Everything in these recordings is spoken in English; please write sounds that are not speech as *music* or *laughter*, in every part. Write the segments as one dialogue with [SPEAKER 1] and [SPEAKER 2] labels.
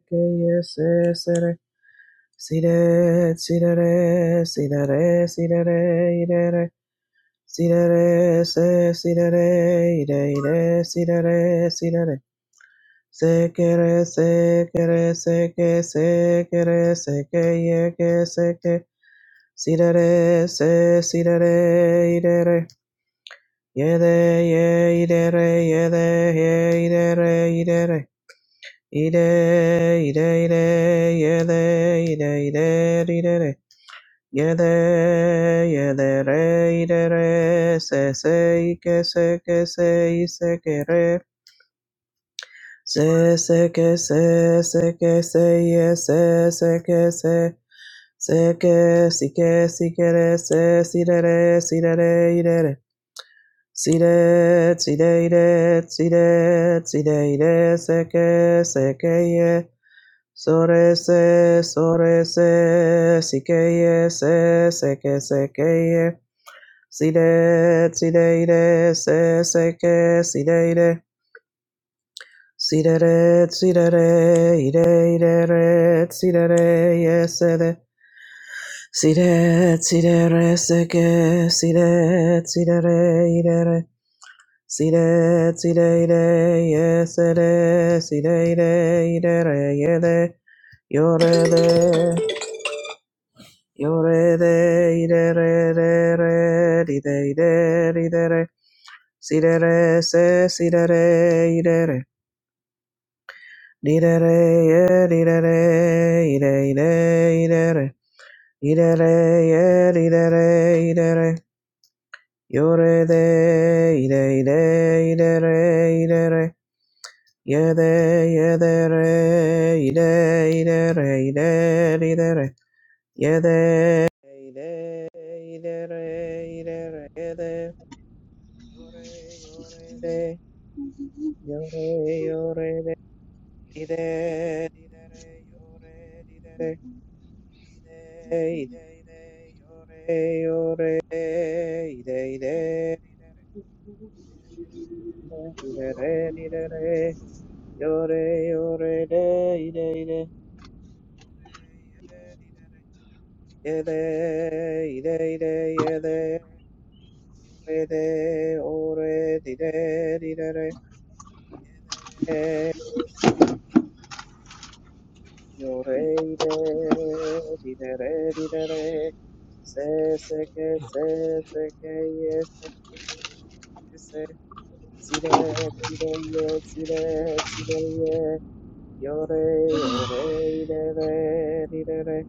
[SPEAKER 1] Yes, Ide, ide, ide, yede, ide, ide, ide, re. Yede, yede, re, ide, re. Se, se, ike, se, ke, se, ise, ke, re. Se, se, ke, se, se, ke, se, ye, se, se, ke, se. Se, ke, si, ke, si, ke, re, se, si, re, re, si, re, re, ide, re. Si, re, si, re, ide, si, re, si, re, ide, se, ke, se, ke, ye. Sore se, sore se, sikeye se, seke sekeye, side, side ide, se seke, side ide, sidere, sidere, ide ide re, sidere, yesede, side, sidere, seke, side, sidere, idere, side, side ide, yesede, side ide, idere, yede, yorede. Yo re de ire re re re di de ide di de re si de re se si de re ide re di de re ye di de re ide ide ide re ide re ye di de re ide re yo re de ide ide ide re ide re ye de ye de re ide ide re ide di de re ye de ide ide re ide re ye de Yore, yore, de, yore, yore, de, di, de, di, de, re, yore, di, de, re, di, de, i, de, i, de, yore, yore, de, i, de, i, de, di, de, re, di, de, re, di, de, re, yore, yore, de, i, de, i, de, re, ye, de, di, de, re, ye, de, i, de, i, de, ye, de, ore, de, ore, di, de, di, de, re, ye, de, Yo re re di re re di re re se se que se se que yes se se re se que se si re si re yes si re si re yes yo re yo re di re re di re re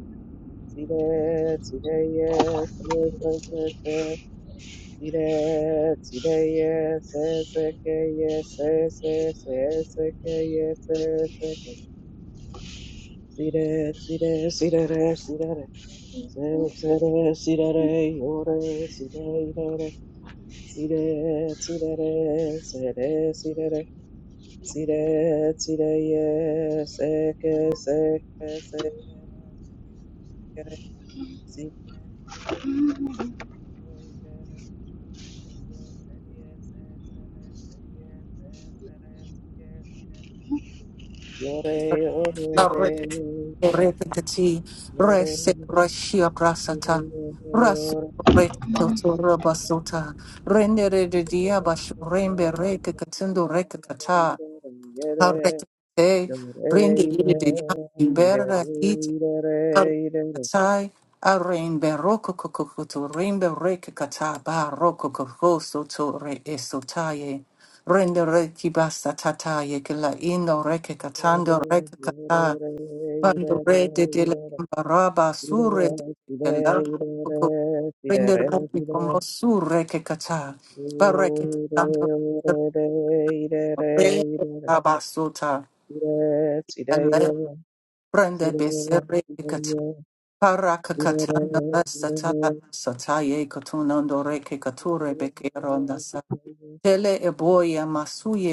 [SPEAKER 1] si re si re yes se se ke se si re si re yes se se que yes se se se se que yes se se que si re si re si re re si re re Sere, sere, sirere, ore, sirere, sire, sirere, sere, sirere, sire, sireye, seke, seke, seke, sikere, sikere, sikere, sirere, seriye, seriye, se, sere, seriye, se, sere, sike, sirere, yore, ore, re, re,
[SPEAKER 2] Rekati,
[SPEAKER 1] yore,
[SPEAKER 2] Rese, Rashia Brasata, Rasu,
[SPEAKER 1] sireye,
[SPEAKER 3] Thank
[SPEAKER 2] Rekatoto, Rabasota, Rendere de
[SPEAKER 1] Thank
[SPEAKER 2] Diabasho, Rembe, Rekatendo, Rekata, Arete, Rende, Lede, Ibera, Ite, Arekatai, Arembe, Rokokokoto, Rembe, Rekata, Ba, Rokokoko, Soto, Re, Esotaye, Rendere, Kibasa, Tataye, Kila, Ino, reke Rekatando, Rekata, Bandore de de la Baraba Sure de de la Roco Render Ropi como Sure que cata Barrequeta Sandor Re Abasuta Ele Brenda Becerre que cata Para cacatanda satala sataye cotunando re que cature bequeronda sa Tele eboia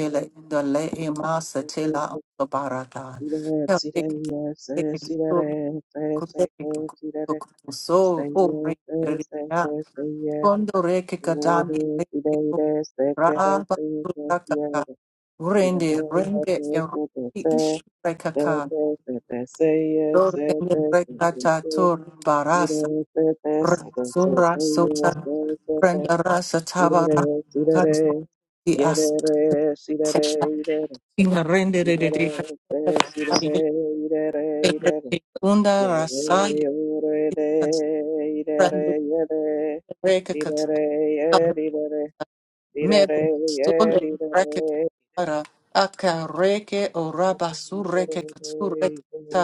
[SPEAKER 1] you. See
[SPEAKER 2] indole emasa tela barata.
[SPEAKER 1] that, see that, yes, yes, see that, yes, yes, yes,
[SPEAKER 2] Kotori
[SPEAKER 1] yes, see that, yes,
[SPEAKER 2] so
[SPEAKER 1] say
[SPEAKER 2] o
[SPEAKER 1] yes, yes, yes,
[SPEAKER 2] rekeria
[SPEAKER 1] yes, say yes,
[SPEAKER 2] kondo reke katami
[SPEAKER 1] glory, see
[SPEAKER 2] reke
[SPEAKER 1] that, yes, say get it,
[SPEAKER 2] raba
[SPEAKER 1] say yes, yes,
[SPEAKER 2] surakaka
[SPEAKER 1] yes, see that,
[SPEAKER 2] rende rende eriki
[SPEAKER 1] yes, yes, yes, yes, say, say,
[SPEAKER 2] ishrekaka
[SPEAKER 1] say, say, say, say yes, say,
[SPEAKER 2] dorende
[SPEAKER 1] say, say,
[SPEAKER 2] rekata tor
[SPEAKER 1] say, say, see that, yes, yes, say, say, say, say yes, say, say, say, see that,
[SPEAKER 2] barasa
[SPEAKER 1] yes, see that, yes,
[SPEAKER 2] sura sota renda rasa tava katu di
[SPEAKER 1] get
[SPEAKER 2] as
[SPEAKER 1] it, yes, see that, yes,
[SPEAKER 2] ina rende
[SPEAKER 1] de,
[SPEAKER 2] de de de
[SPEAKER 1] de, idere, yede.
[SPEAKER 2] unda
[SPEAKER 1] Didere,
[SPEAKER 2] rasa
[SPEAKER 1] ye
[SPEAKER 2] rende
[SPEAKER 1] didere.
[SPEAKER 2] reke
[SPEAKER 1] Didere,
[SPEAKER 2] Mebu
[SPEAKER 1] ye
[SPEAKER 2] stole reke
[SPEAKER 1] didere.
[SPEAKER 2] kara akareke oraba
[SPEAKER 1] Yore,
[SPEAKER 2] sureke
[SPEAKER 1] yore,
[SPEAKER 2] katsureke
[SPEAKER 1] de, idere,
[SPEAKER 2] ta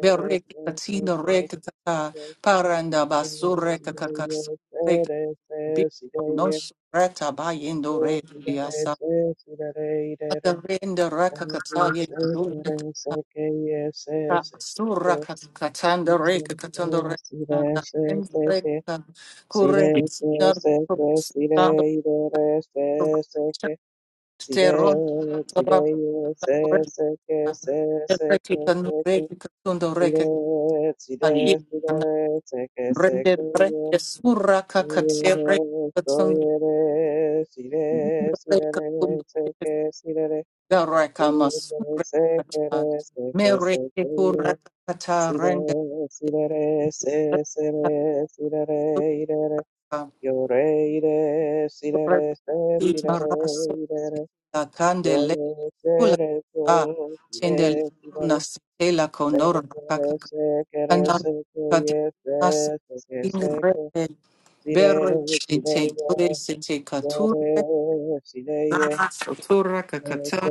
[SPEAKER 2] bereke
[SPEAKER 1] des,
[SPEAKER 2] katina reke kata paranda basureke
[SPEAKER 1] des, des, des,
[SPEAKER 2] kakasureke bi
[SPEAKER 1] des.
[SPEAKER 2] no sureta bayendo rediasa
[SPEAKER 1] Idere, idere, ye Yes,
[SPEAKER 2] akarenda raka kataye kudunda ta surra katanda reke katanda reke kanda reke kureke sinar kureke
[SPEAKER 1] Sire, sire, sire, sire,
[SPEAKER 2] Candele, Tendel, una stella con Cannot cut us in the Kanan katina satin rebe bere shite kure sete kature sotura kakata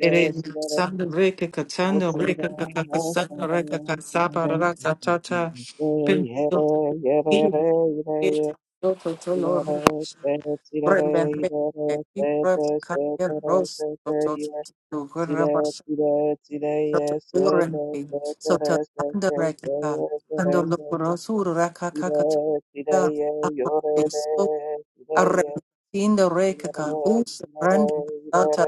[SPEAKER 2] ere sanda reke
[SPEAKER 1] Yeah.
[SPEAKER 2] katana reke kakakasana reke kasaba rata tata pendo Toto tolo rembe reke kibra kaya rosa toto Sotokurende, Sotanda Rekaka, Pandolopura Suraka Kakatunda, Apabeso, Arrekinda Rekaka, Us Randi Sata,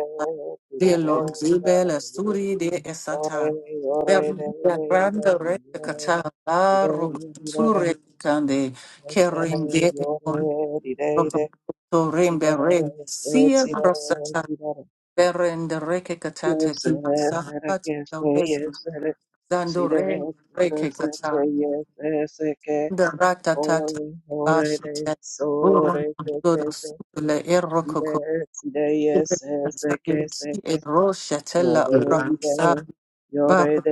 [SPEAKER 2] De Lonzibel, Suri de
[SPEAKER 1] Yes,
[SPEAKER 2] Esata,
[SPEAKER 1] Yore, ide, yore, ide,
[SPEAKER 2] Beranda Rekata, Barok
[SPEAKER 1] ide,
[SPEAKER 2] Surekande, Kerinde, Torembe Red, Sia Rosata, Berende Rekata, Timasa, Dandore Rekekata, the Ratatata Bashite, Uran Dodos, Le Erokoko, E Roshatella, Ramsa, Bab,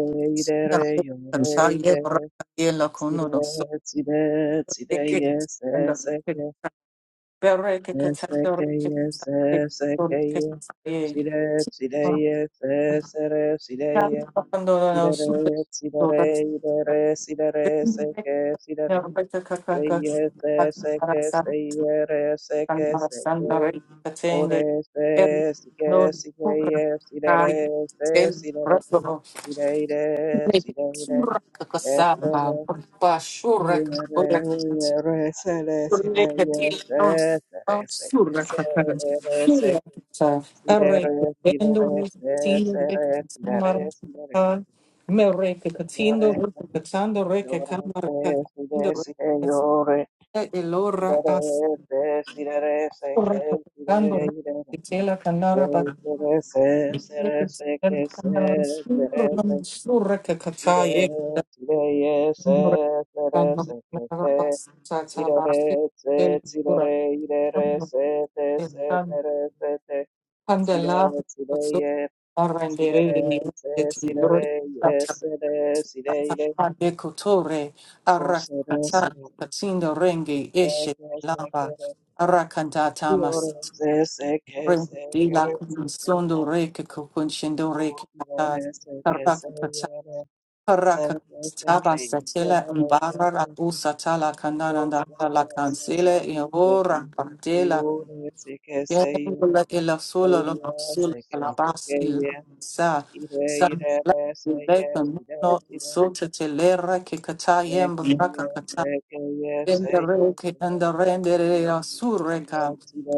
[SPEAKER 1] re,
[SPEAKER 2] Sina,
[SPEAKER 1] yore,
[SPEAKER 2] Kataye,
[SPEAKER 1] ide, re,
[SPEAKER 2] Rakayela
[SPEAKER 1] Sire,
[SPEAKER 2] Kono, so
[SPEAKER 1] sire, sire,
[SPEAKER 2] Rekit,
[SPEAKER 1] yes,
[SPEAKER 2] and the
[SPEAKER 1] yes, okay, yes,
[SPEAKER 2] Berekata, the
[SPEAKER 1] okay,
[SPEAKER 2] Rekata,
[SPEAKER 1] yes, yes, okay, yeah.
[SPEAKER 2] the
[SPEAKER 1] Sire, sire,
[SPEAKER 2] Rekata,
[SPEAKER 1] yes, yes, sire, sire, yeah.
[SPEAKER 2] the papandolano
[SPEAKER 1] Sire,
[SPEAKER 2] super
[SPEAKER 1] sire, sire, sire, seke, sire.
[SPEAKER 2] Yarabaka
[SPEAKER 1] Say
[SPEAKER 2] kakaka
[SPEAKER 1] yes, yes,
[SPEAKER 2] kakara
[SPEAKER 1] seke, say
[SPEAKER 2] santi
[SPEAKER 1] yes, seke,
[SPEAKER 2] kanara
[SPEAKER 1] seke.
[SPEAKER 2] sandari katende
[SPEAKER 1] Ore,
[SPEAKER 2] el
[SPEAKER 1] se,
[SPEAKER 2] non
[SPEAKER 1] sike, sike,
[SPEAKER 2] kukra
[SPEAKER 1] yes,
[SPEAKER 2] kai
[SPEAKER 1] sire,
[SPEAKER 2] el
[SPEAKER 1] se, sire,
[SPEAKER 2] rasobo
[SPEAKER 1] sire,
[SPEAKER 2] lepi sura
[SPEAKER 1] sire,
[SPEAKER 2] kakasapa
[SPEAKER 1] sire.
[SPEAKER 2] pa shura
[SPEAKER 1] Yore,
[SPEAKER 2] kakora kanti urne kati non non sura kakara sura kata arre kendo katindo reke samara kata me reke katindo reke katando reke kamara katindo Elora as recordando que tela canara para que tela canara sur sur que
[SPEAKER 1] Sire,
[SPEAKER 2] cata e
[SPEAKER 1] sire, yese,
[SPEAKER 2] recordando
[SPEAKER 1] sire, seke,
[SPEAKER 2] la
[SPEAKER 1] se. kese.
[SPEAKER 2] pas tata
[SPEAKER 1] Sire, re,
[SPEAKER 2] basti
[SPEAKER 1] se,
[SPEAKER 2] el
[SPEAKER 1] sire, re,
[SPEAKER 2] pura
[SPEAKER 1] ire, re, se, te, se,
[SPEAKER 2] tan
[SPEAKER 1] tere, se, te. Sire,
[SPEAKER 2] candela
[SPEAKER 1] sire,
[SPEAKER 2] so
[SPEAKER 1] ye, sire, re,
[SPEAKER 2] arrendere ni
[SPEAKER 1] se,
[SPEAKER 2] que
[SPEAKER 1] sire,
[SPEAKER 2] tiro
[SPEAKER 1] re, yese, re, sire, ire,
[SPEAKER 2] de cotore
[SPEAKER 1] o, se, re,
[SPEAKER 2] arracata
[SPEAKER 1] sire,
[SPEAKER 2] catindo renge
[SPEAKER 1] re,
[SPEAKER 2] eshe
[SPEAKER 1] ke, se, ke,
[SPEAKER 2] lamba
[SPEAKER 1] re.
[SPEAKER 2] arracandata
[SPEAKER 1] Io, re,
[SPEAKER 2] mas
[SPEAKER 1] se, se, ke, se, ke,
[SPEAKER 2] Rendila
[SPEAKER 1] re, se, ke.
[SPEAKER 2] Sondo Reke Kokunshendo
[SPEAKER 1] O,
[SPEAKER 2] Reke
[SPEAKER 1] sire,
[SPEAKER 2] Kata
[SPEAKER 1] re, se, ke, se, ye,
[SPEAKER 2] Karaka
[SPEAKER 1] re, se, ke, se, ke,
[SPEAKER 2] Kata
[SPEAKER 1] ye,
[SPEAKER 2] Karaka Taba
[SPEAKER 1] se,
[SPEAKER 2] Satela
[SPEAKER 1] re, ke,
[SPEAKER 2] Mbara
[SPEAKER 1] se,
[SPEAKER 2] Rabu
[SPEAKER 1] ke.
[SPEAKER 2] Satala
[SPEAKER 1] Today,
[SPEAKER 2] Kandananda La Kansele Yora Pandela Yenula Ela Sula La Sula La Basi la Sa Sa La Beka Mono Sota Telera Kikata Yembraka Endereke enderendere asureka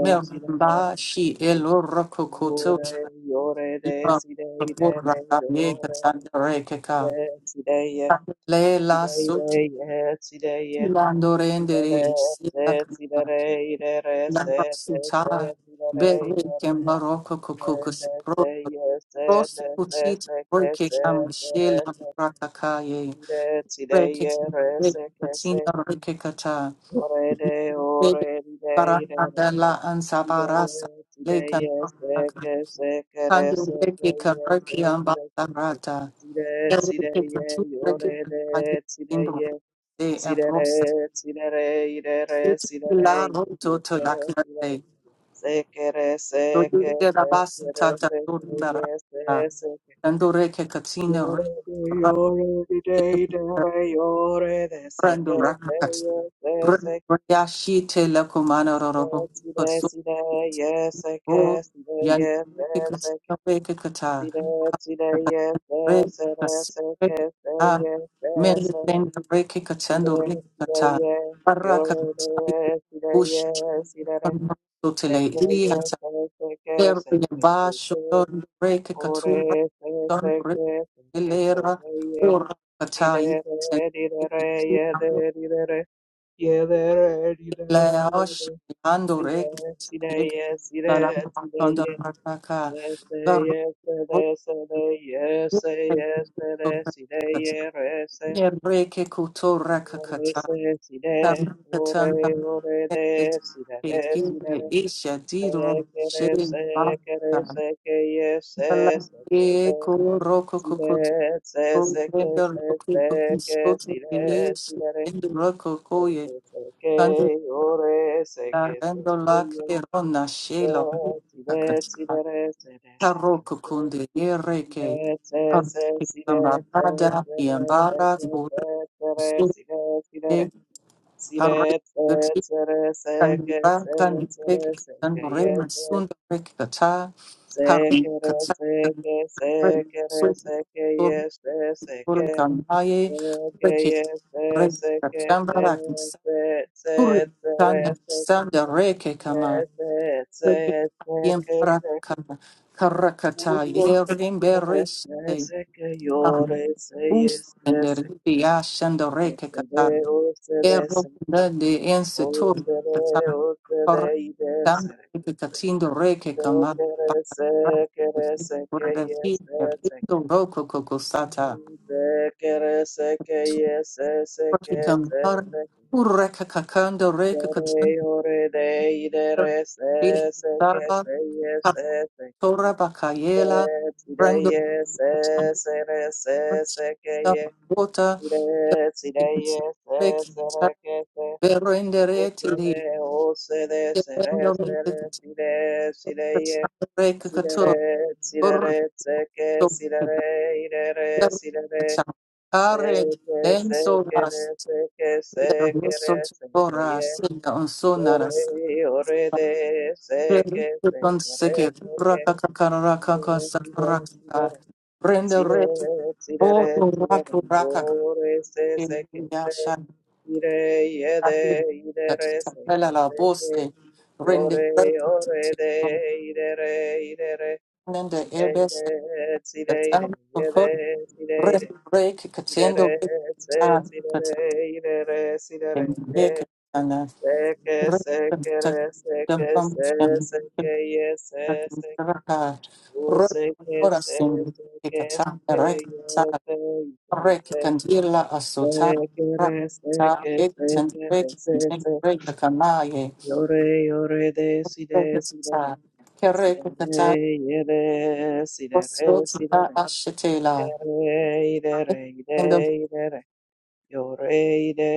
[SPEAKER 2] meramba shi eloro kokoto ima kabura kame katandereke ka
[SPEAKER 1] yeah,
[SPEAKER 2] le la soti
[SPEAKER 1] today, yeah, today, yeah, Tirare,
[SPEAKER 2] landorendere sila
[SPEAKER 1] se,
[SPEAKER 2] kana
[SPEAKER 1] tirare, irere,
[SPEAKER 2] la
[SPEAKER 1] se, te,
[SPEAKER 2] suta
[SPEAKER 1] se, tirare,
[SPEAKER 2] bereke
[SPEAKER 1] irere,
[SPEAKER 2] maroko
[SPEAKER 1] se,
[SPEAKER 2] kokokos
[SPEAKER 1] te,
[SPEAKER 2] pro
[SPEAKER 1] se, ye, se,
[SPEAKER 2] prosu
[SPEAKER 1] te, se,
[SPEAKER 2] kutiti
[SPEAKER 1] se, ke,
[SPEAKER 2] reke
[SPEAKER 1] se,
[SPEAKER 2] kam shela
[SPEAKER 1] tere, se, te,
[SPEAKER 2] rakakaye
[SPEAKER 1] tire, tire,
[SPEAKER 2] reke
[SPEAKER 1] yere, se, ke, se,
[SPEAKER 2] katina reke kata
[SPEAKER 1] ore, de,
[SPEAKER 2] Bebe
[SPEAKER 1] ore, ire, irere,
[SPEAKER 2] Baranandela and
[SPEAKER 1] tire,
[SPEAKER 2] Savarasa
[SPEAKER 1] tire,
[SPEAKER 2] Lakan
[SPEAKER 1] ye, se, ke, se, kere,
[SPEAKER 2] Kandu
[SPEAKER 1] se, ke,
[SPEAKER 2] Reki
[SPEAKER 1] ye, se,
[SPEAKER 2] Karaki and
[SPEAKER 1] se, ke,
[SPEAKER 2] Basarata.
[SPEAKER 1] tire, tire,
[SPEAKER 2] Eriki
[SPEAKER 1] ye,
[SPEAKER 2] Katu Reki
[SPEAKER 1] yore,
[SPEAKER 2] Kantagi
[SPEAKER 1] de, tire,
[SPEAKER 2] in the
[SPEAKER 1] ye,
[SPEAKER 2] Rose Apros.
[SPEAKER 1] Sidere, sidere, idere,
[SPEAKER 2] Seti
[SPEAKER 1] sidere,
[SPEAKER 2] La Roto to
[SPEAKER 1] idere,
[SPEAKER 2] Lakate.
[SPEAKER 1] Sekere,
[SPEAKER 2] So
[SPEAKER 1] seke,
[SPEAKER 2] you get a bus
[SPEAKER 1] sekere,
[SPEAKER 2] tata
[SPEAKER 1] seke, yes,
[SPEAKER 2] Dundarata.
[SPEAKER 1] yes, seke.
[SPEAKER 2] Kandu Reki Katina
[SPEAKER 1] Yore de,
[SPEAKER 2] Reki
[SPEAKER 1] yore de, de, de, re, yore de,
[SPEAKER 2] Brandu
[SPEAKER 1] seke, se,
[SPEAKER 2] Rakakat.
[SPEAKER 1] yes, yes,
[SPEAKER 2] Brandu
[SPEAKER 1] seke.
[SPEAKER 2] Yashi Tela Kumana Rorobo.
[SPEAKER 1] Side, side, side, yes, seke,
[SPEAKER 2] O
[SPEAKER 1] side,
[SPEAKER 2] yani
[SPEAKER 1] yes, yes, seke.
[SPEAKER 2] pekatino rekekata,
[SPEAKER 1] Side, side,
[SPEAKER 2] pekatino
[SPEAKER 1] yes, yes, sere, seke, se,
[SPEAKER 2] rekekata,
[SPEAKER 1] yes, yes,
[SPEAKER 2] mende
[SPEAKER 1] sere.
[SPEAKER 2] mende rekekatando
[SPEAKER 1] Side, side,
[SPEAKER 2] rekekata,
[SPEAKER 1] yes, yore de,
[SPEAKER 2] parakatari
[SPEAKER 1] side,
[SPEAKER 2] bush
[SPEAKER 1] yes, side, re.
[SPEAKER 2] totele
[SPEAKER 1] Seke, yes,
[SPEAKER 2] iliata,
[SPEAKER 1] seke,
[SPEAKER 2] erne
[SPEAKER 1] seke, seke,
[SPEAKER 2] basho
[SPEAKER 1] seke.
[SPEAKER 2] don rekekatuma,
[SPEAKER 1] Ore se
[SPEAKER 2] don
[SPEAKER 1] se que se que se
[SPEAKER 2] rekelera,
[SPEAKER 1] que ye
[SPEAKER 2] ora
[SPEAKER 1] di
[SPEAKER 2] katai,
[SPEAKER 1] de re di de re ye de di de re ye de re di de re
[SPEAKER 2] la
[SPEAKER 1] ye
[SPEAKER 2] oshi
[SPEAKER 1] de
[SPEAKER 2] ando
[SPEAKER 1] di de re si de
[SPEAKER 2] rekatai,
[SPEAKER 1] ye si de
[SPEAKER 2] la la
[SPEAKER 1] si de
[SPEAKER 2] kondo
[SPEAKER 1] ye
[SPEAKER 2] rakaka,
[SPEAKER 1] ye se ye se de se de ye se ye se de si de ye re se
[SPEAKER 2] Ebreke kutora
[SPEAKER 1] ore
[SPEAKER 2] kakata
[SPEAKER 1] se si de
[SPEAKER 2] tamkatan
[SPEAKER 1] ore ore de
[SPEAKER 2] tamket
[SPEAKER 1] si de re si de
[SPEAKER 2] kekinde
[SPEAKER 1] re
[SPEAKER 2] isha
[SPEAKER 1] se
[SPEAKER 2] diro
[SPEAKER 1] que re
[SPEAKER 2] shen
[SPEAKER 1] se que re
[SPEAKER 2] baka
[SPEAKER 1] se que ye
[SPEAKER 2] ala
[SPEAKER 1] se se que
[SPEAKER 2] e
[SPEAKER 1] se
[SPEAKER 2] koroko
[SPEAKER 1] si
[SPEAKER 2] kokoto
[SPEAKER 1] re se se que
[SPEAKER 2] brenda
[SPEAKER 1] se
[SPEAKER 2] loki
[SPEAKER 1] se que
[SPEAKER 2] kukisoto
[SPEAKER 1] si re
[SPEAKER 2] elis
[SPEAKER 1] si re
[SPEAKER 2] endo roko
[SPEAKER 1] re se
[SPEAKER 2] koye
[SPEAKER 1] se que
[SPEAKER 2] kando
[SPEAKER 1] ore se que se
[SPEAKER 2] endo
[SPEAKER 1] que
[SPEAKER 2] lake
[SPEAKER 1] yo
[SPEAKER 2] rona shelo
[SPEAKER 1] si re si re si
[SPEAKER 2] kakata
[SPEAKER 1] re re se re se que
[SPEAKER 2] taroko
[SPEAKER 1] se
[SPEAKER 2] kunde
[SPEAKER 1] si
[SPEAKER 2] ereke
[SPEAKER 1] re se se si re se
[SPEAKER 2] Ambara,
[SPEAKER 1] se re se que
[SPEAKER 2] Yambara,
[SPEAKER 1] se se re si
[SPEAKER 2] Sunday,
[SPEAKER 1] re si re
[SPEAKER 2] Parade, the
[SPEAKER 1] re
[SPEAKER 2] Tick,
[SPEAKER 1] si re se se re se
[SPEAKER 2] and
[SPEAKER 1] que
[SPEAKER 2] Back,
[SPEAKER 1] se
[SPEAKER 2] and
[SPEAKER 1] se re
[SPEAKER 2] Break,
[SPEAKER 1] se
[SPEAKER 2] and
[SPEAKER 1] que ye
[SPEAKER 2] Rema,
[SPEAKER 1] se
[SPEAKER 2] Sunday, Break, Kata,
[SPEAKER 1] se
[SPEAKER 2] Parade,
[SPEAKER 1] que re
[SPEAKER 2] Kata,
[SPEAKER 1] se
[SPEAKER 2] and
[SPEAKER 1] que se
[SPEAKER 2] Break,
[SPEAKER 1] que re
[SPEAKER 2] Sunday,
[SPEAKER 1] se que
[SPEAKER 2] Sunday,
[SPEAKER 1] ye se se que
[SPEAKER 2] Kamaye,
[SPEAKER 1] Yes,
[SPEAKER 2] Break it, Break, Katambara, Suri, Kan, and Sanda, Reke, Kama, Break it, Yem, Rakama, Karakata, Yerim, Beres, Us, and the Biash, and the Reke, Erro grande en setor por tanto que catindo reque cama para por decir perdido roco cocosata su porque camar urreca cacando reque
[SPEAKER 1] Yore
[SPEAKER 2] catindo
[SPEAKER 1] yore de idere se se que
[SPEAKER 2] estaba
[SPEAKER 1] se ye se se
[SPEAKER 2] torra
[SPEAKER 1] que
[SPEAKER 2] bacayela
[SPEAKER 1] ire tire
[SPEAKER 2] prendo
[SPEAKER 1] ye se se re se se que
[SPEAKER 2] la
[SPEAKER 1] ye
[SPEAKER 2] bota
[SPEAKER 1] ire tire
[SPEAKER 2] e
[SPEAKER 1] ye se
[SPEAKER 2] que
[SPEAKER 1] se re que se o
[SPEAKER 2] verrenderete
[SPEAKER 1] se de o se de se re se re tire tire ye tire
[SPEAKER 2] Rekakato,
[SPEAKER 1] re tire
[SPEAKER 2] Borto,
[SPEAKER 1] re se que tire re ire re tire re
[SPEAKER 2] Berkacha,
[SPEAKER 1] se
[SPEAKER 2] Are,
[SPEAKER 1] que se
[SPEAKER 2] Lenso,
[SPEAKER 1] que re
[SPEAKER 2] Ras,
[SPEAKER 1] se que se que re se que ye Yore, yore de, se que, se que, re, se que,
[SPEAKER 2] Rakakakaraka,
[SPEAKER 1] sire, sire,
[SPEAKER 2] Sakraka, Brenda
[SPEAKER 1] sire,
[SPEAKER 2] Ret, O
[SPEAKER 1] sire, sire, sire,
[SPEAKER 2] Raku Raka,
[SPEAKER 1] yore, se, se que, se,
[SPEAKER 2] Yashan,
[SPEAKER 1] ire, yede, idere, se que,
[SPEAKER 2] Tapella
[SPEAKER 1] se que,
[SPEAKER 2] Bose,
[SPEAKER 1] yore, yore de, idere, idere, sire, ire, sire, ire,
[SPEAKER 2] katano for
[SPEAKER 1] yede, sire,
[SPEAKER 2] break
[SPEAKER 1] ire,
[SPEAKER 2] break
[SPEAKER 1] idere,
[SPEAKER 2] katendo
[SPEAKER 1] se,
[SPEAKER 2] katan
[SPEAKER 1] sire,
[SPEAKER 2] katan
[SPEAKER 1] ire, idere, sire,
[SPEAKER 2] break
[SPEAKER 1] ire,
[SPEAKER 2] katana
[SPEAKER 1] Seke,
[SPEAKER 2] break
[SPEAKER 1] seke,
[SPEAKER 2] katan
[SPEAKER 1] re, seke,
[SPEAKER 2] dampam
[SPEAKER 1] se,
[SPEAKER 2] shan
[SPEAKER 1] seke, ye, se, seke.
[SPEAKER 2] raka
[SPEAKER 1] U,
[SPEAKER 2] break
[SPEAKER 1] seke,
[SPEAKER 2] ora
[SPEAKER 1] se, seke, seke,
[SPEAKER 2] break
[SPEAKER 1] ye,
[SPEAKER 2] katan
[SPEAKER 1] se, se,
[SPEAKER 2] break
[SPEAKER 1] se.
[SPEAKER 2] kandila asuta
[SPEAKER 1] Seke, re,
[SPEAKER 2] rakta
[SPEAKER 1] seke,
[SPEAKER 2] katan
[SPEAKER 1] seke, re,
[SPEAKER 2] break
[SPEAKER 1] se,
[SPEAKER 2] katan
[SPEAKER 1] se.
[SPEAKER 2] break the kamaye
[SPEAKER 1] Yore, yore, de, si, de,
[SPEAKER 2] break
[SPEAKER 1] si, de, re.
[SPEAKER 2] katan
[SPEAKER 1] Si,
[SPEAKER 2] kerek
[SPEAKER 1] de,
[SPEAKER 2] katan
[SPEAKER 1] re, ye, de, si, de, re,
[SPEAKER 2] Osro
[SPEAKER 1] si, de,
[SPEAKER 2] tsa
[SPEAKER 1] re. I, de,
[SPEAKER 2] ashetela
[SPEAKER 1] re, i, de, re, i, de, i, de, re. Yore, i, de,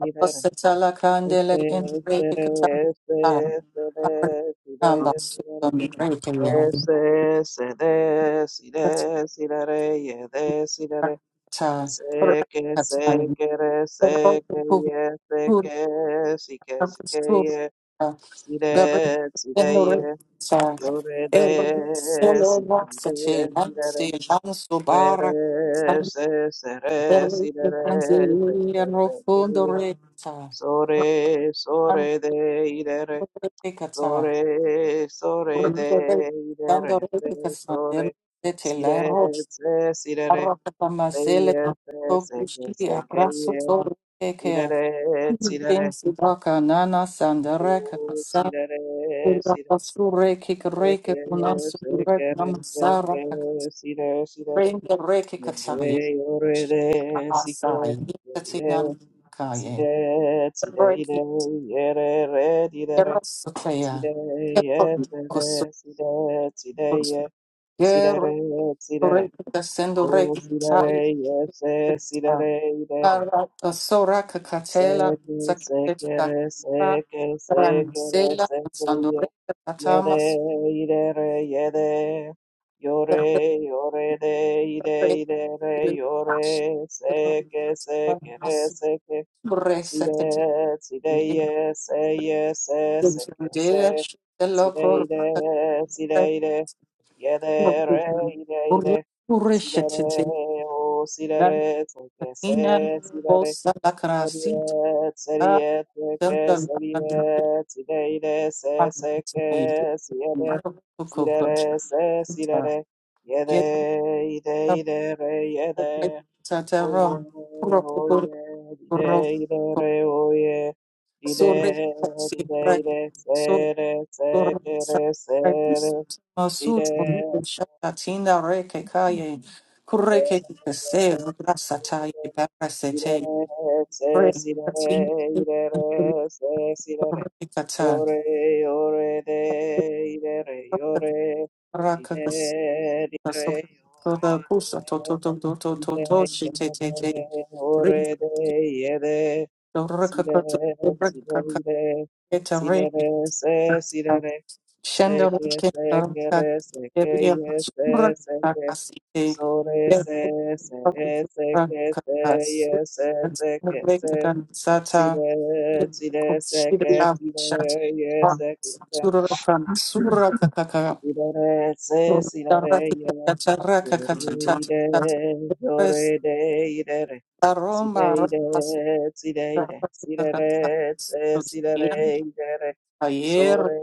[SPEAKER 1] i, de, re.
[SPEAKER 2] Osatala kandele
[SPEAKER 1] Ese, ese,
[SPEAKER 2] indreke
[SPEAKER 1] re,
[SPEAKER 2] katata.
[SPEAKER 1] ese, ese, re, si,
[SPEAKER 2] Aramba
[SPEAKER 1] re, si, re, re.
[SPEAKER 2] sudam reke yera.
[SPEAKER 1] Ese, ese, de, si,
[SPEAKER 2] Katata.
[SPEAKER 1] re, si, re, re, ye, de, si, re, re. Sé que
[SPEAKER 2] Katata.
[SPEAKER 1] sé que re, sé
[SPEAKER 2] Eroke
[SPEAKER 1] que ye, sé
[SPEAKER 2] kuhura
[SPEAKER 1] que sí que sí que ye,
[SPEAKER 2] kakusura.
[SPEAKER 1] si
[SPEAKER 2] Bere
[SPEAKER 1] re, si re ye,
[SPEAKER 2] enore sa.
[SPEAKER 1] yo re
[SPEAKER 2] Erbe
[SPEAKER 1] re,
[SPEAKER 2] solo
[SPEAKER 1] si re
[SPEAKER 2] vaksate.
[SPEAKER 1] re, si re re,
[SPEAKER 2] Lansi lansu
[SPEAKER 1] se
[SPEAKER 2] bara.
[SPEAKER 1] re,
[SPEAKER 2] San
[SPEAKER 1] se se re, si
[SPEAKER 2] bere
[SPEAKER 1] re
[SPEAKER 2] kanzi.
[SPEAKER 1] re, se que
[SPEAKER 2] and
[SPEAKER 1] se que
[SPEAKER 2] Rofundo
[SPEAKER 1] ye,
[SPEAKER 2] reka.
[SPEAKER 1] so re, so re de,
[SPEAKER 2] Katata.
[SPEAKER 1] Sore, sore de,
[SPEAKER 2] Thank
[SPEAKER 1] de, re, se, sore, si, re, se, si, re, re, se, ye, se, se, que, se, que, ye, si, re, re, si, re, re, u, si, re, re, si, re, re, se, que, se, que, re, se, que, si, re, si, re, re, ye, re, yo, re, de, si, que, si, que, re, si, re, si, re, i, re, ye, re, re, di, re, re. Sidere, sidere, sidere, sidere, sidere, sidere. O sidere, yese, sidere, idere.
[SPEAKER 2] Sora Kakatela,
[SPEAKER 1] Seke,
[SPEAKER 2] Sakatela,
[SPEAKER 1] sekere, seke, sekere,
[SPEAKER 2] Ransela,
[SPEAKER 1] sekeye.
[SPEAKER 2] Sandore,
[SPEAKER 1] Yede,
[SPEAKER 2] Katamas,
[SPEAKER 1] idere, yede. Yore, yore, de, ide, idere, yore. Seke, sekere, Seke,
[SPEAKER 2] Sure Sekatela,
[SPEAKER 1] Sire, sireye, seye, se, seke, se,
[SPEAKER 2] Loco,
[SPEAKER 1] sireire, sireire, yedere, ireire,
[SPEAKER 2] Urisheti,
[SPEAKER 1] sirere, o, sirere, seke,
[SPEAKER 2] Katina,
[SPEAKER 1] se, sirere,
[SPEAKER 2] Bosa Lakarasi,
[SPEAKER 1] seriet, seriet, seke,
[SPEAKER 2] Sandra,
[SPEAKER 1] seriet, sireire, se, seke, sire,
[SPEAKER 2] and Coco.
[SPEAKER 1] sirere, se,
[SPEAKER 2] Rakakasa,
[SPEAKER 1] sirere, yede, ide, idere, yede, Oye, oye, ire, ire, re, oye, ire, ire, ire, sere, sekere, sere, sire, sere, sere, ire, re, se, sire, re, ire, re, se, sire, re, yore, yore, de, ire, re, yore, ire, ire, re, yore, Ide yede, ore de yede, sire,
[SPEAKER 2] Dorakakato,
[SPEAKER 1] sire,
[SPEAKER 2] Dorakakaketa,
[SPEAKER 1] ide, sire,
[SPEAKER 2] Reki,
[SPEAKER 1] se, sire, se, que,
[SPEAKER 2] Shandarake,
[SPEAKER 1] se,
[SPEAKER 2] Dorakak,
[SPEAKER 1] quere, se, que,
[SPEAKER 2] Eria,
[SPEAKER 1] ye, se, se, que,
[SPEAKER 2] Surakakasite,
[SPEAKER 1] sore, se, se, e, se, que, se,
[SPEAKER 2] Yerakakas,
[SPEAKER 1] ye, se, se, que, se,
[SPEAKER 2] Surakan, Sata,
[SPEAKER 1] sire, sire, se, que,
[SPEAKER 2] Yerakakusira,
[SPEAKER 1] sire,
[SPEAKER 2] Shata,
[SPEAKER 1] ye, se, que,
[SPEAKER 2] Surakan, Surakakaka,
[SPEAKER 1] Idore se sinore ye,
[SPEAKER 2] Darakakata,
[SPEAKER 1] yore
[SPEAKER 2] Rakakata,
[SPEAKER 1] ide,
[SPEAKER 2] Res,
[SPEAKER 1] yore ide idere, side
[SPEAKER 2] Aroma,
[SPEAKER 1] ide,
[SPEAKER 2] Rakas,
[SPEAKER 1] side ide, sidere se
[SPEAKER 2] Darakakata,
[SPEAKER 1] sidere idere,
[SPEAKER 2] Ayer,
[SPEAKER 1] sore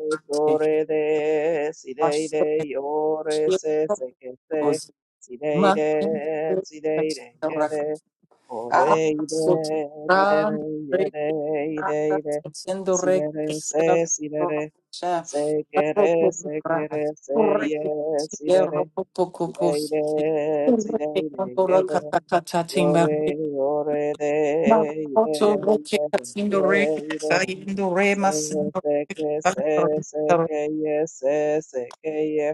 [SPEAKER 2] eh,
[SPEAKER 1] sore de, side
[SPEAKER 2] pasó
[SPEAKER 1] ide,
[SPEAKER 2] el
[SPEAKER 1] yore
[SPEAKER 2] cielo,
[SPEAKER 1] se seke se,
[SPEAKER 2] los
[SPEAKER 1] side ide,
[SPEAKER 2] mantendré,
[SPEAKER 1] side ide, yede, ore ide, idere,
[SPEAKER 2] sotirando,
[SPEAKER 1] yede, ide ide,
[SPEAKER 2] siendo
[SPEAKER 1] sidere
[SPEAKER 2] rectos,
[SPEAKER 1] se
[SPEAKER 2] la
[SPEAKER 1] sidere
[SPEAKER 2] rocha,
[SPEAKER 1] Se
[SPEAKER 2] la ropa
[SPEAKER 1] quiere, se
[SPEAKER 2] brava,
[SPEAKER 1] quiere, se
[SPEAKER 2] correcto,
[SPEAKER 1] yere, si
[SPEAKER 2] cierro,
[SPEAKER 1] dere,
[SPEAKER 2] poco,
[SPEAKER 1] si
[SPEAKER 2] poco,
[SPEAKER 1] deire, si deire,
[SPEAKER 2] Recando roca,
[SPEAKER 1] re
[SPEAKER 2] tata, timba,
[SPEAKER 1] yore, yore, de, ire,
[SPEAKER 2] roto, roque,
[SPEAKER 1] ire,
[SPEAKER 2] haciendo
[SPEAKER 1] ire,
[SPEAKER 2] recto,
[SPEAKER 1] ire.
[SPEAKER 2] saliendo
[SPEAKER 1] Se,
[SPEAKER 2] remas,
[SPEAKER 1] se, que, se, se, que, ye, se, se, que, ye,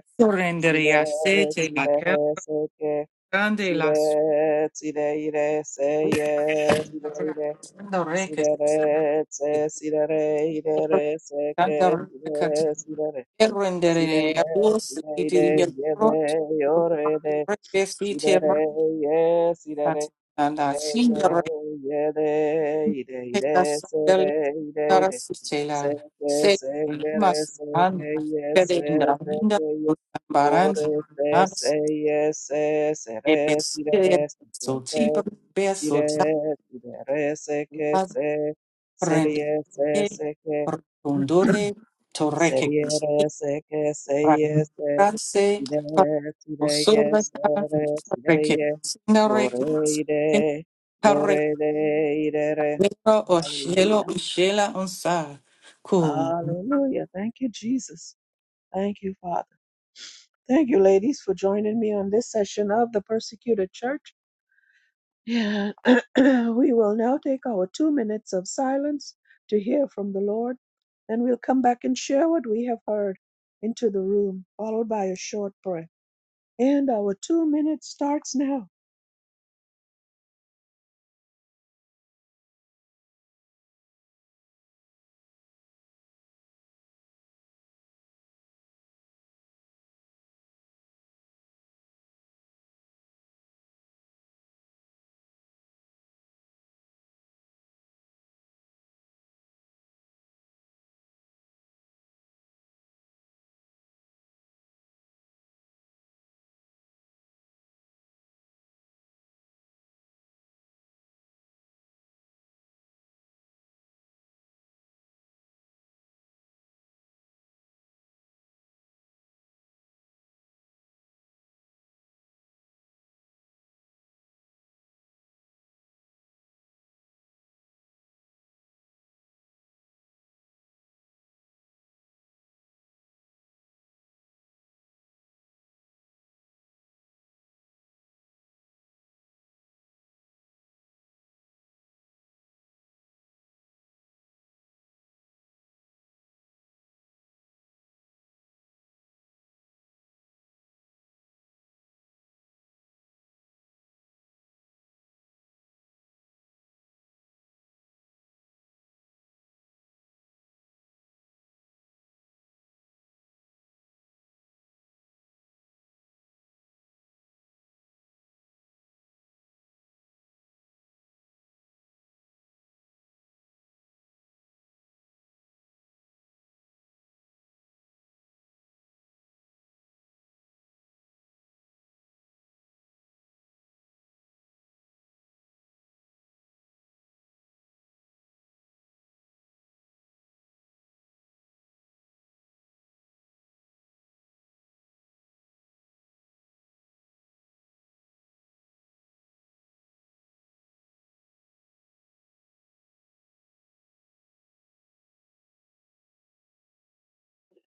[SPEAKER 1] si re
[SPEAKER 2] Sorrenderia sete
[SPEAKER 1] si
[SPEAKER 2] la
[SPEAKER 1] re re, se, que,
[SPEAKER 2] grande
[SPEAKER 1] si
[SPEAKER 2] la
[SPEAKER 1] re si de, ire, se,
[SPEAKER 2] sorrendo
[SPEAKER 1] ye, si de, ire.
[SPEAKER 2] reca
[SPEAKER 1] Sidere, se, sidere, idere, se,
[SPEAKER 2] cantando reca
[SPEAKER 1] que, Sire,
[SPEAKER 2] rendere a vos
[SPEAKER 1] sire,
[SPEAKER 2] ti diria
[SPEAKER 1] yere,
[SPEAKER 2] pronto
[SPEAKER 1] yorede,
[SPEAKER 2] reca si te
[SPEAKER 1] sire, ye, sire,
[SPEAKER 2] la
[SPEAKER 1] ire,
[SPEAKER 2] signora che
[SPEAKER 1] yede, ire, ire,
[SPEAKER 2] la
[SPEAKER 1] sere,
[SPEAKER 2] della
[SPEAKER 1] ire, ire.
[SPEAKER 2] sicela
[SPEAKER 1] Seke,
[SPEAKER 2] se
[SPEAKER 1] sekere,
[SPEAKER 2] mas
[SPEAKER 1] seke,
[SPEAKER 2] an
[SPEAKER 1] ye, se,
[SPEAKER 2] pedenda linda
[SPEAKER 1] seke, ye.
[SPEAKER 2] baran
[SPEAKER 1] Ore, se,
[SPEAKER 2] nas
[SPEAKER 1] se, ye, se, sere,
[SPEAKER 2] e besire
[SPEAKER 1] sire, seke,
[SPEAKER 2] so
[SPEAKER 1] se.
[SPEAKER 2] ti beso
[SPEAKER 1] Sire, sire, seke, se. Serie, se,
[SPEAKER 2] Rendite,
[SPEAKER 1] seke.
[SPEAKER 2] rotondore, torreque,
[SPEAKER 1] Seriere seke seye se
[SPEAKER 2] ragrase,
[SPEAKER 1] ire tireye
[SPEAKER 2] parcosolata,
[SPEAKER 1] sere
[SPEAKER 2] reque,
[SPEAKER 1] tireye
[SPEAKER 2] sinarec,
[SPEAKER 1] yore ire yore de ire
[SPEAKER 2] oshelo,
[SPEAKER 1] Hallelujah.
[SPEAKER 2] ishela, onsa. Cool.
[SPEAKER 1] Hallelujah. Thank you, Jesus. Thank you, Father. Thank you, ladies, for joining me on this session of the persecuted church. Yeah. *clears throat* we will now take our two minutes of silence to hear from the Lord. Then we'll come back and share what we have heard into the room, followed by a short prayer. And our two minutes starts now.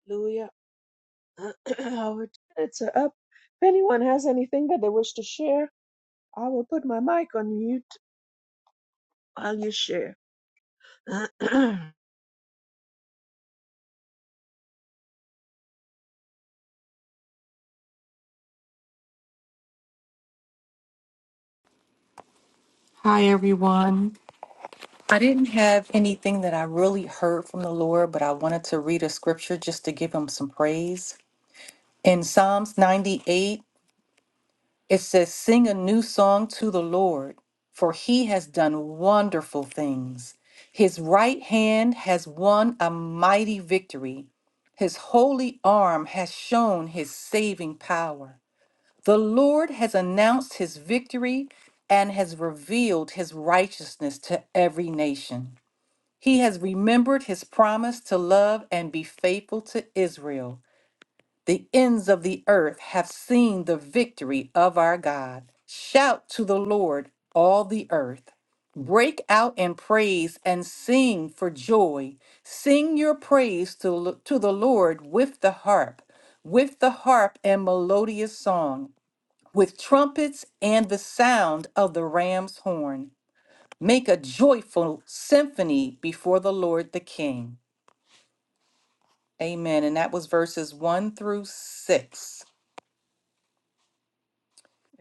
[SPEAKER 1] Hallelujah. *clears throat* our two minutes are up. If anyone has anything that they wish to share, I will put my mic on mute while you share. *clears throat* Amen.
[SPEAKER 2] Hi, everyone. I didn't have anything that I really heard from the Lord, but I wanted to read a scripture just to give him some praise. In Psalms 98, It says, Sing a new song to the Lord, for he has done wonderful things. His right hand has won a mighty victory. His holy arm has shown his saving power. The Lord has announced his victory and has revealed his righteousness to every nation. He has remembered his promise to love and be faithful to Israel. The ends of the earth have seen the victory of our God. Shout to the Lord, all the earth. Break out in praise and sing for joy. Sing your praise to, to the Lord with the harp, with the harp and melodious song, with trumpets and the sound of the ram's horn. Make a joyful symphony before the Lord the King. Amen. And that was verses 1 through 6.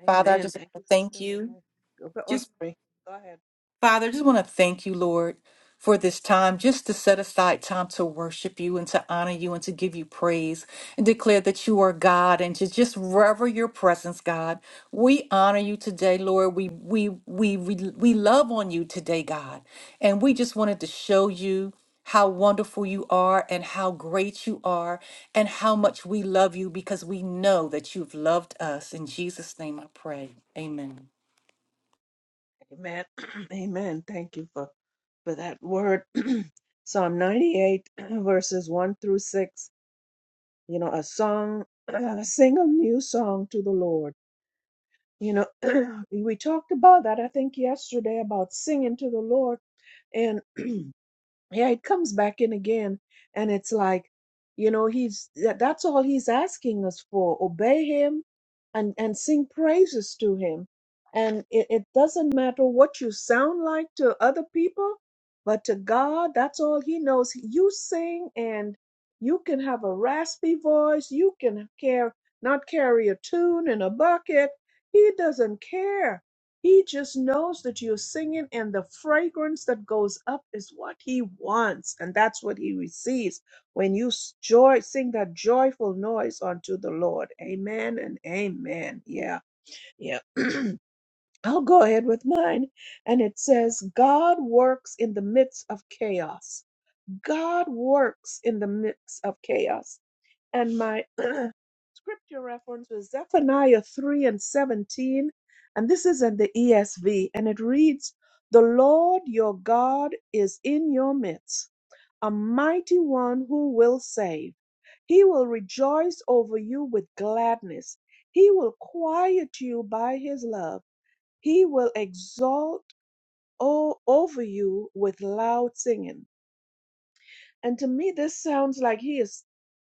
[SPEAKER 2] Father, I just
[SPEAKER 1] Thank you,
[SPEAKER 2] want to
[SPEAKER 1] Sister
[SPEAKER 2] thank you.
[SPEAKER 1] Renee. Go, go, oh,
[SPEAKER 2] Just,
[SPEAKER 1] sorry. go ahead.
[SPEAKER 2] Father, I just want to thank you, Lord, for this time, just to set aside time to worship you and to honor you and to give you praise and declare that you are God and to just rever your presence, God. We honor you today, Lord. We we we we, we love on you today, God. And we just wanted to show you how wonderful you are and how great you are and how much we love you because we know that you've loved us. In Jesus' name I pray. Amen.
[SPEAKER 1] Amen. *clears throat* Amen. Thank you for, for that word. *clears throat* Psalm 98, *clears throat* verses 1 through 6. You know, a song, *clears throat* sing a new song to the Lord You know, *clears throat* we talked about that, I think, yesterday about singing to the Lord. and yeah it comes back in again and it's like you know he's that, that's all he's asking us for obey him and and sing praises to him and it, it doesn't matter what you sound like to other people but to god that's all he knows you sing and you can have a raspy voice you can care not carry a tune in a bucket he doesn't care he just knows that you're singing, and the fragrance that goes up is what he wants, and that's what he receives when you s- joy sing that joyful noise unto the Lord. Amen and amen. Yeah, yeah. *clears throat* I'll go ahead with mine, and it says, "God works in the midst of chaos. God works in the midst of chaos." And my *clears throat* scripture reference was Zephaniah 3 and 17. And this is in the ESV. And it reads, The Lord your God is in your midst, a mighty one who will save. He will rejoice over you with gladness. He will quiet you by his love. He will exalt o- over you with loud singing. And to me, this sounds like he is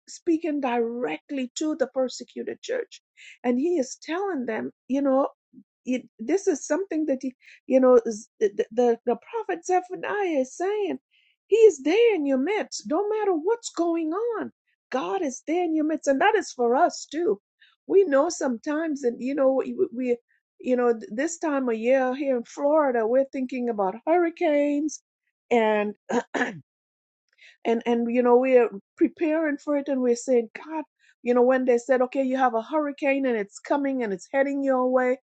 [SPEAKER 1] speaking directly to the persecuted church. And he is telling them, you know, it, this is something that, he, you know, is- the, the, the prophet Zephaniah is saying, he is there in your midst. Don't matter what's going on, God is there in your midst. And that is for us too. We know sometimes, and, you know, we, we you know, th- this time of year here in Florida, we're thinking about hurricanes and *clears throat* and and you know we're preparing for it and we're saying god you know when they said okay you have a hurricane and it's coming and it's heading your way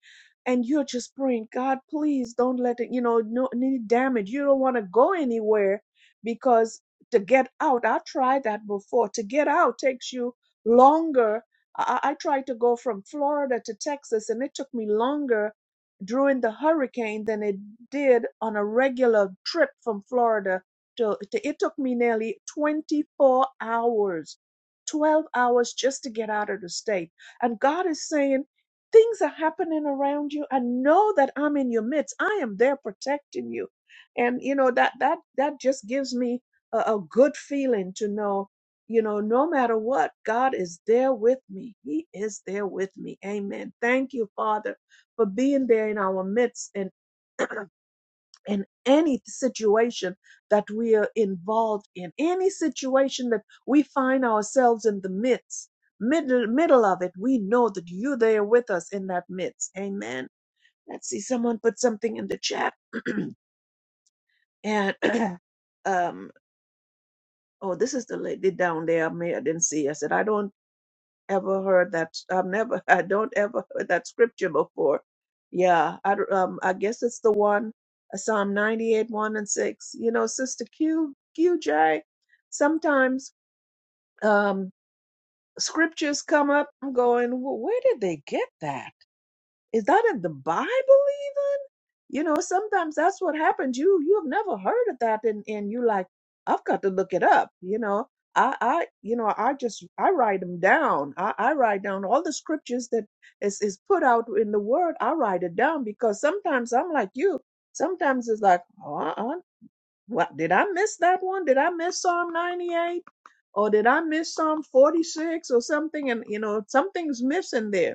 [SPEAKER 1] and you're just praying god please don't let it you know no any damage you don't want to go anywhere because to get out i tried that before to get out takes you longer I, I I tried to go from florida to texas and it took me longer during the hurricane than it did on a regular trip from florida to, to- it took me nearly 24 hours 12 hours just to get out of the state and god is saying things are happening around you i know that i'm in your midst i am there protecting you and you know that that that just gives me a, a good feeling to know you know no matter what god is there with me he is there with me amen thank you father for being there in our midst and in any situation that we are involved in, any situation that we find ourselves in the midst, middle, middle of it, we know that you're there with us in that midst. Amen. Let's see, someone put something in the chat. *clears throat* and *clears throat* um, oh, this is the lady down there. I may I didn't see. I said, I don't ever heard that. I've never, *laughs* I don't ever heard that scripture before. Yeah, I don't- um, I guess it's the one uh, Psalm 98, one and six. You know, Sister Q. Q. J. Sometimes um, scriptures come up. I'm going, well, where did they get that? Is that in the Bible? you know sometimes that's what happens you you have never heard of that and and you like i've got to look it up you know i i you know i just i write them down i i write down all the scriptures that is is put out in the word i write it down because sometimes i'm like you sometimes it's like oh, uh-uh. what did i miss that one did i miss psalm 98 or did i miss psalm 46 or something and you know something's missing there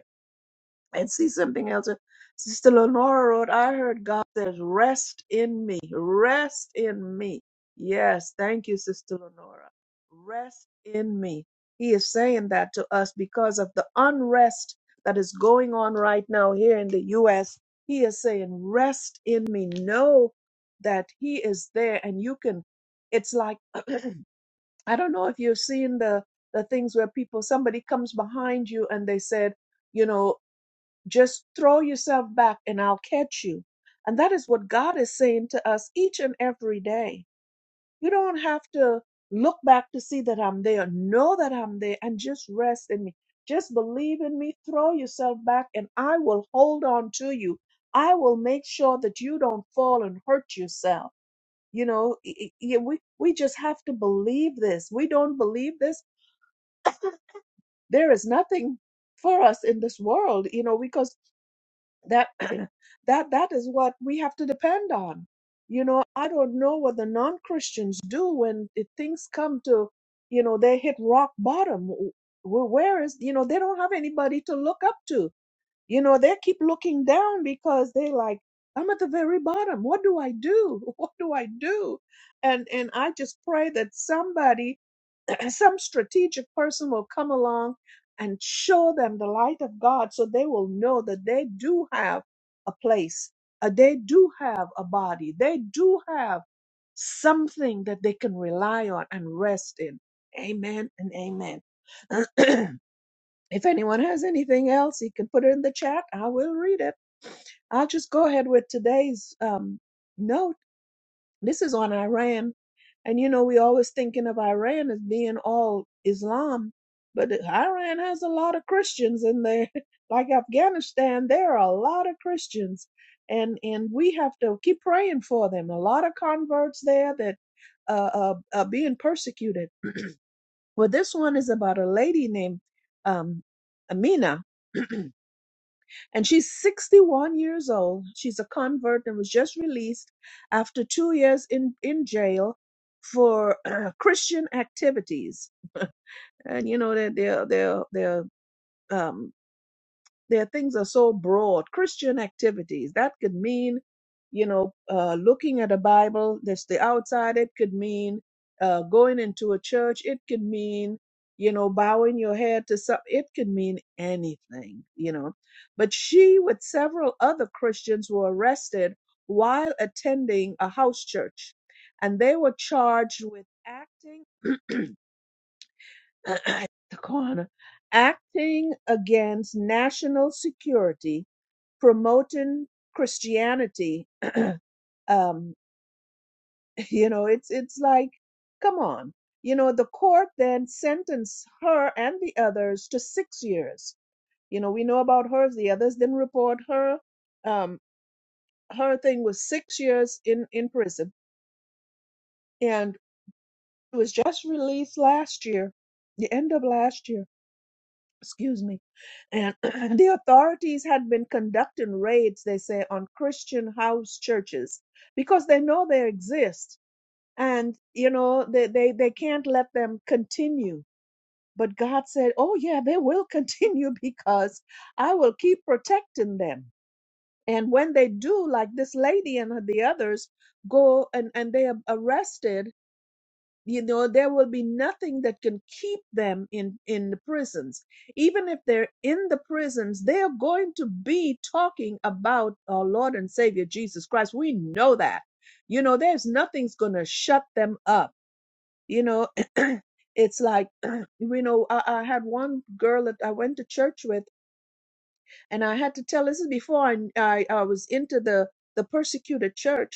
[SPEAKER 1] and see something else. Sister Lenora wrote, I heard God says, rest in me, rest in me. Yes, thank you, Sister Lenora. Rest in me. He is saying that to us because of the unrest that is going on right now here in the U.S. He is saying, rest in me. Know that He is there and you can, it's like, *clears throat* I don't know if you've seen the, the things where people, somebody comes behind you and they said, you know, just throw yourself back and I'll catch you. And that is what God is saying to us each and every day. You don't have to look back to see that I'm there. Know that I'm there and just rest in me. Just believe in me. Throw yourself back and I will hold on to you. I will make sure that you don't fall and hurt yourself. You know, i- i- yeah, we, we just have to believe this. We don't believe this. There is nothing for us in this world, you know, because that *clears throat* that that is what we have to depend on you know i don't know what the non-christians do when it, things come to you know they hit rock bottom Wh- wh- where is you know they don't have anybody to look up to you know they keep looking down because they like i'm at the very bottom what do i do *laughs* what do i do and and i just pray that somebody *clears throat* some strategic person will come along and show them the light of God so they will know that they do have a place, uh, they do have a body, they do have something that they can rely on and rest in. Amen and amen. *clears throat* if anyone has anything else, he can put it in the chat. I will read it. I'll just go ahead with today's um, note. This is on Iran. And you know, we always thinking of Iran as being all Islam, but Iran has a lot of Christians in there. *laughs* Like Afghanistan, there are a lot of Christians. And and we have to keep praying for them. A lot of converts there that uh, uh, uh being persecuted. Well, this one is about a lady named um Amina. *clears throat* and she's 61 years old. She's a convert and was just released after two years in, in jail for *clears throat* uh, Christian activities. *laughs* And you know that they're they're they're um. Their things are so broad. Christian activities, that could mean, you know, uh, looking at a Bible, that's the outside. It could mean uh, going into a church. It could mean, you know, bowing your head to some. It could mean anything, you know. But she, with several other Christians, were arrested while attending a house church, and they were charged with acting *clears throat* at the corner, acting against national security promoting Christianity. *clears throat* um, you know, it's it's like, come on. You know, the court then sentenced her and the others to six years. You know, we know about her. The others didn't report her. Um, her thing was six years in in prison, and she was just released last year, the end of last year excuse me, and *clears throat* the authorities had been conducting raids, they say, on Christian house churches because they know they exist and, you know, they, they, they can't let them continue. But God said, oh, yeah, they will continue *laughs* because I will keep protecting them. And when they do, like this lady and the others go and, and they are arrested, you know there will be nothing that can keep them in in the prisons even if they're in the prisons they are going to be talking about our lord and savior jesus christ we know that you know there's nothing's going to shut them up you know *clears throat* it's like *clears throat* you know I, I had one girl that i went to church with and i had to tell this is before i i, I was into the the persecuted church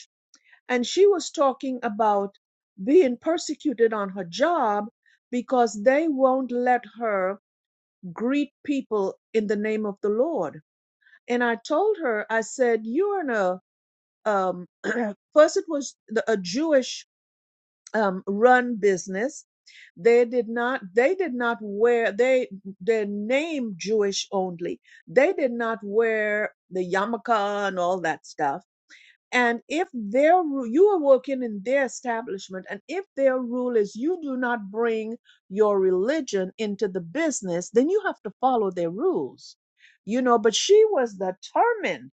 [SPEAKER 1] and she was talking about being persecuted on her job because they won't let her greet people in the name of the Lord. And I told her, I said, you're in a, um, *clears throat* first it was the, a Jewish um, run business. They did not, they did not wear, they, their name Jewish only. They did not wear the yarmulke and all that stuff and if their ru- you are working in their establishment, and if their rule is you do not bring your religion into the business, then you have to follow their rules. You know, but she was determined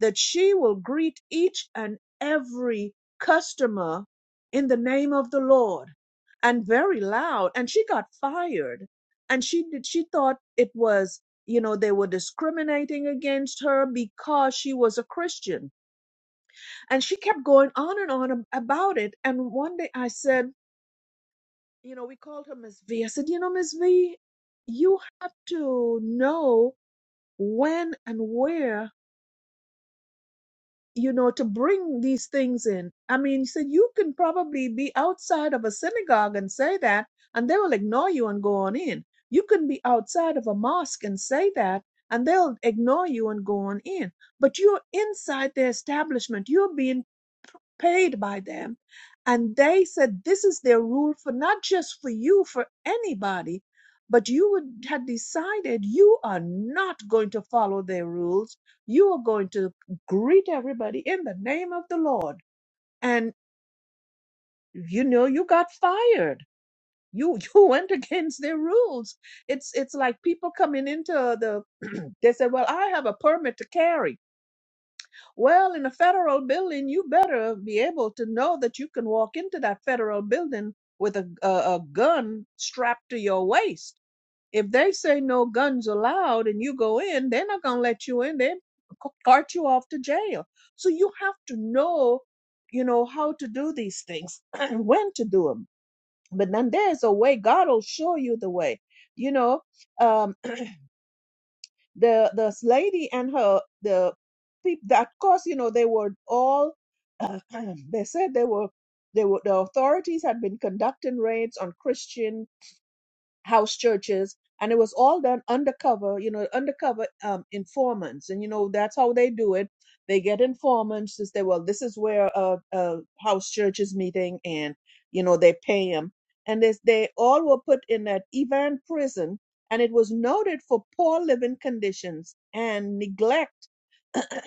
[SPEAKER 1] that she will greet each and every customer in the name of the Lord and very loud. And she got fired. And she did, she thought it was, you know, they were discriminating against her because she was a Christian and she kept going on and on about it. And one day I said, you know, we called her Miss V. I said, you know, Miss V, you have to know when and where, you know, to bring these things in. I mean, she said, you can probably be outside of a synagogue and say that, and they will ignore you and go on in. You can be outside of a mosque and say that, and they'll ignore you and go on in. But you're inside the establishment. You're being paid by them. And they said this is their rule for not just for you, for anybody, but you would, had decided you are not going to follow their rules. You are going to greet everybody in the name of the Lord. And you know, you got fired. You *laughs* you went against their rules. It's it's like people coming into the *clears throat* they said, Well, I have a permit to carry. Well, in a federal building, you better be able to know that you can walk into that federal building with a, a, a gun strapped to your waist. If they say no guns allowed and you go in, they're not going to let you in. They c- cart you off to jail. So you have to know, you know, how to do these things *clears throat* and when to do them. But then there's a way God will show you the way, you know. um, the this lady and her the people that course you know they were all uh, *clears throat* they said they were they were the authorities had been conducting raids on christian house churches and it was all done undercover you know undercover um, informants and you know that's how they do it they get informants to say well this is where a, a house church is meeting and you know they pay them and this, they all were put in that Ivan prison and it was noted for poor living conditions and neglect *clears throat*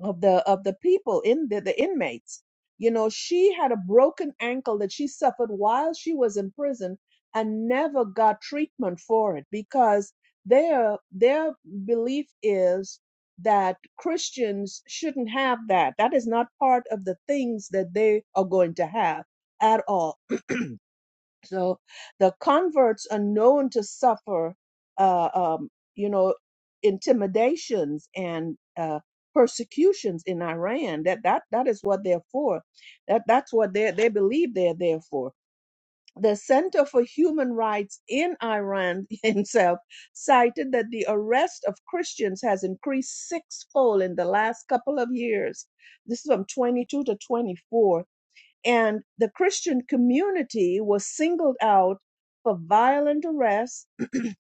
[SPEAKER 1] of the of the people in the, the inmates you know she had a broken ankle that she suffered while she was in prison and never got treatment for it because their their belief is that christians shouldn't have that that is not part of the things that they are going to have at all so the converts are known to suffer, uh, um, you know, intimidations and uh, persecutions in Iran. That that that is what they're for. That that's what they they believe they're there for. The Center for Human Rights in Iran *laughs* himself cited that the arrest of Christians has increased sixfold in the last couple of years. This is from 22 to 24 and the Christian community was singled out for violent arrests,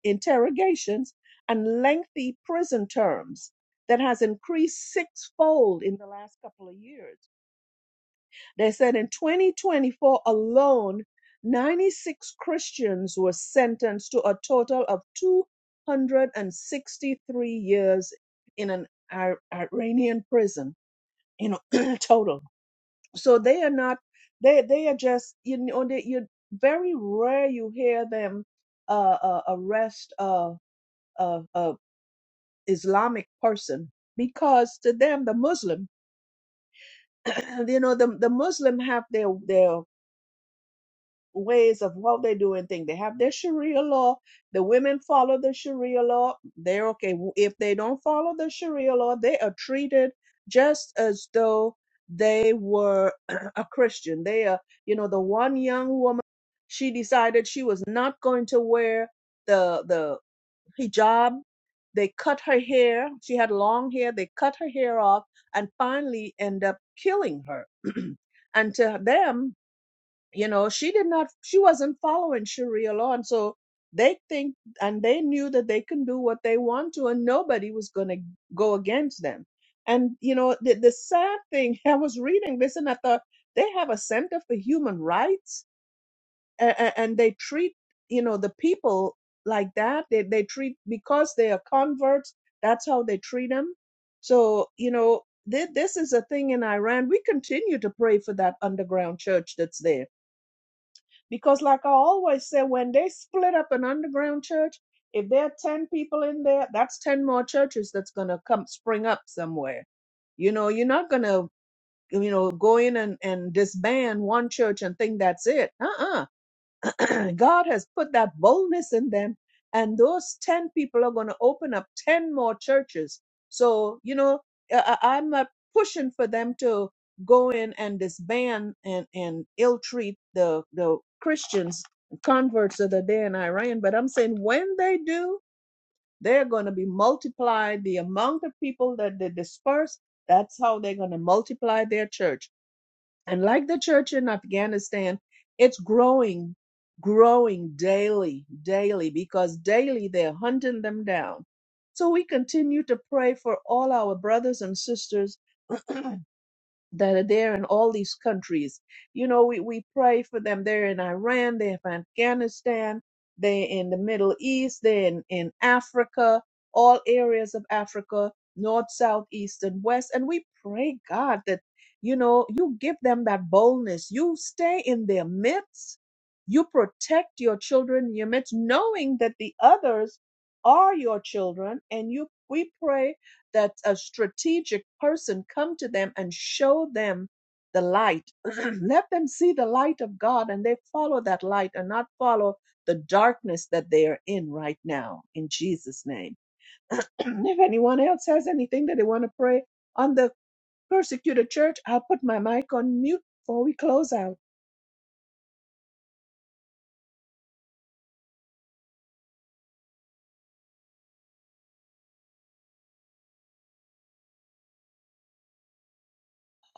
[SPEAKER 1] interrogations, and lengthy prison terms that has increased sixfold in the last couple of years. They said in 2024 alone, 96 Christians were sentenced to a total of 263 years in an Ir- Iranian prison in *clears throat* total so they are not they they are just you know they, you very rare you hear them uh, uh arrest a a, a islamic person because to them the muslim *clears throat* you know the the muslim have their their ways of how they do and thing They have their Sharia law. The women follow the Sharia law. They're okay. If they don't follow the Sharia law, they are treated just as though they were *clears throat* a Christian. They are, you know, the one young woman, she decided she was not going to wear the the hijab. They cut her hair. She had long hair. They cut her hair off and finally end up killing her. *clears throat* and to them, you know she did not she wasn't following sharia law and so they think and they knew that they can do what they want to and nobody was going to go against them and you know the, the sad thing *laughs* i was reading this and i thought they have a center for human rights and, and they treat you know the people like that they, they treat because they are converts that's how they treat them so you know thi- this is a thing in iran we continue to pray for that underground church that's there because, like I always say, when they split up an underground church, if there are 10 people in there, that's 10 more churches that's going to come spring up somewhere. You know, you're not going to, you know, go in and, and disband one church and think that's it. Uh uh *clears throat* God has put that boldness in them, and those 10 people are going to open up 10 more churches. So, you know, I, I- I'm not pushing for them to go in and disband and, and ill treat the, the Christians, converts of the day in Iran, but I'm saying when they do, they're going to be multiplied. The amount of people that they disperse, that's how they're going to multiply their church. And like the church in Afghanistan, it's growing, growing daily, daily, because daily they're hunting them down. So we continue to pray for all our brothers and sisters *clears throat* that are there in all these countries. You know, we, we pray for them. They're in Iran, they're in Afghanistan, they're in the Middle East, they're in, in Africa, all areas of Africa, north, south, east, and west. And we pray, God, that, you know, you give them that boldness. You stay in their midst. You protect your children in your midst, knowing that the others are your children. And you, we pray that a strategic person come to them and show them the light *clears throat* let them see the light of god and they follow that light and not follow the darkness that they are in right now in jesus name *clears throat* if anyone else has anything that they want to pray on the persecuted church i'll put my mic on mute before we close out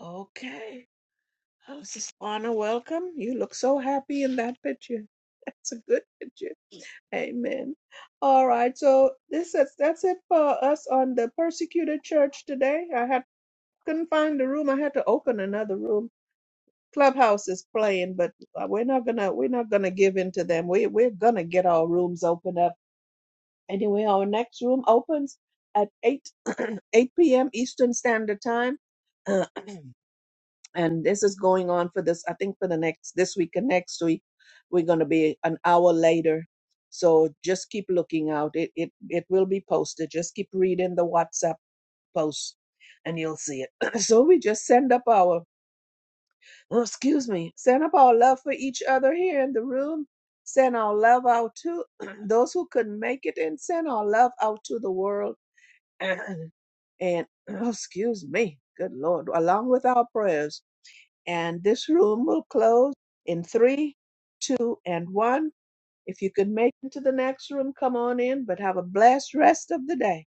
[SPEAKER 1] okay oh sister Anna, welcome you look so happy in that picture *laughs* that's a good picture Amen. All right. So this is that's it for us on the persecuted church today. I had couldn't find the room. I had to open another room. Clubhouse is playing, but uh, we're not gonna we're not gonna give in to them. We we're gonna get our rooms open up anyway. Our next room opens at eight *clears throat* eight p.m. Eastern Standard Time. *clears throat* and this is going on for this i think for the next this week and next week we're going to be an hour later so just keep looking out it it it will be posted just keep reading the whatsapp posts, and you'll see it *clears throat* so we just send up our oh, excuse me send up our love for each other here in the room send our love out to *clears throat* those who couldn't make it and send our love out to the world *clears throat* and oh, excuse me good lord along with our prayers and this room will close in three, two, and one. If you can make it to the next room, come on in, but have a blessed rest of the day.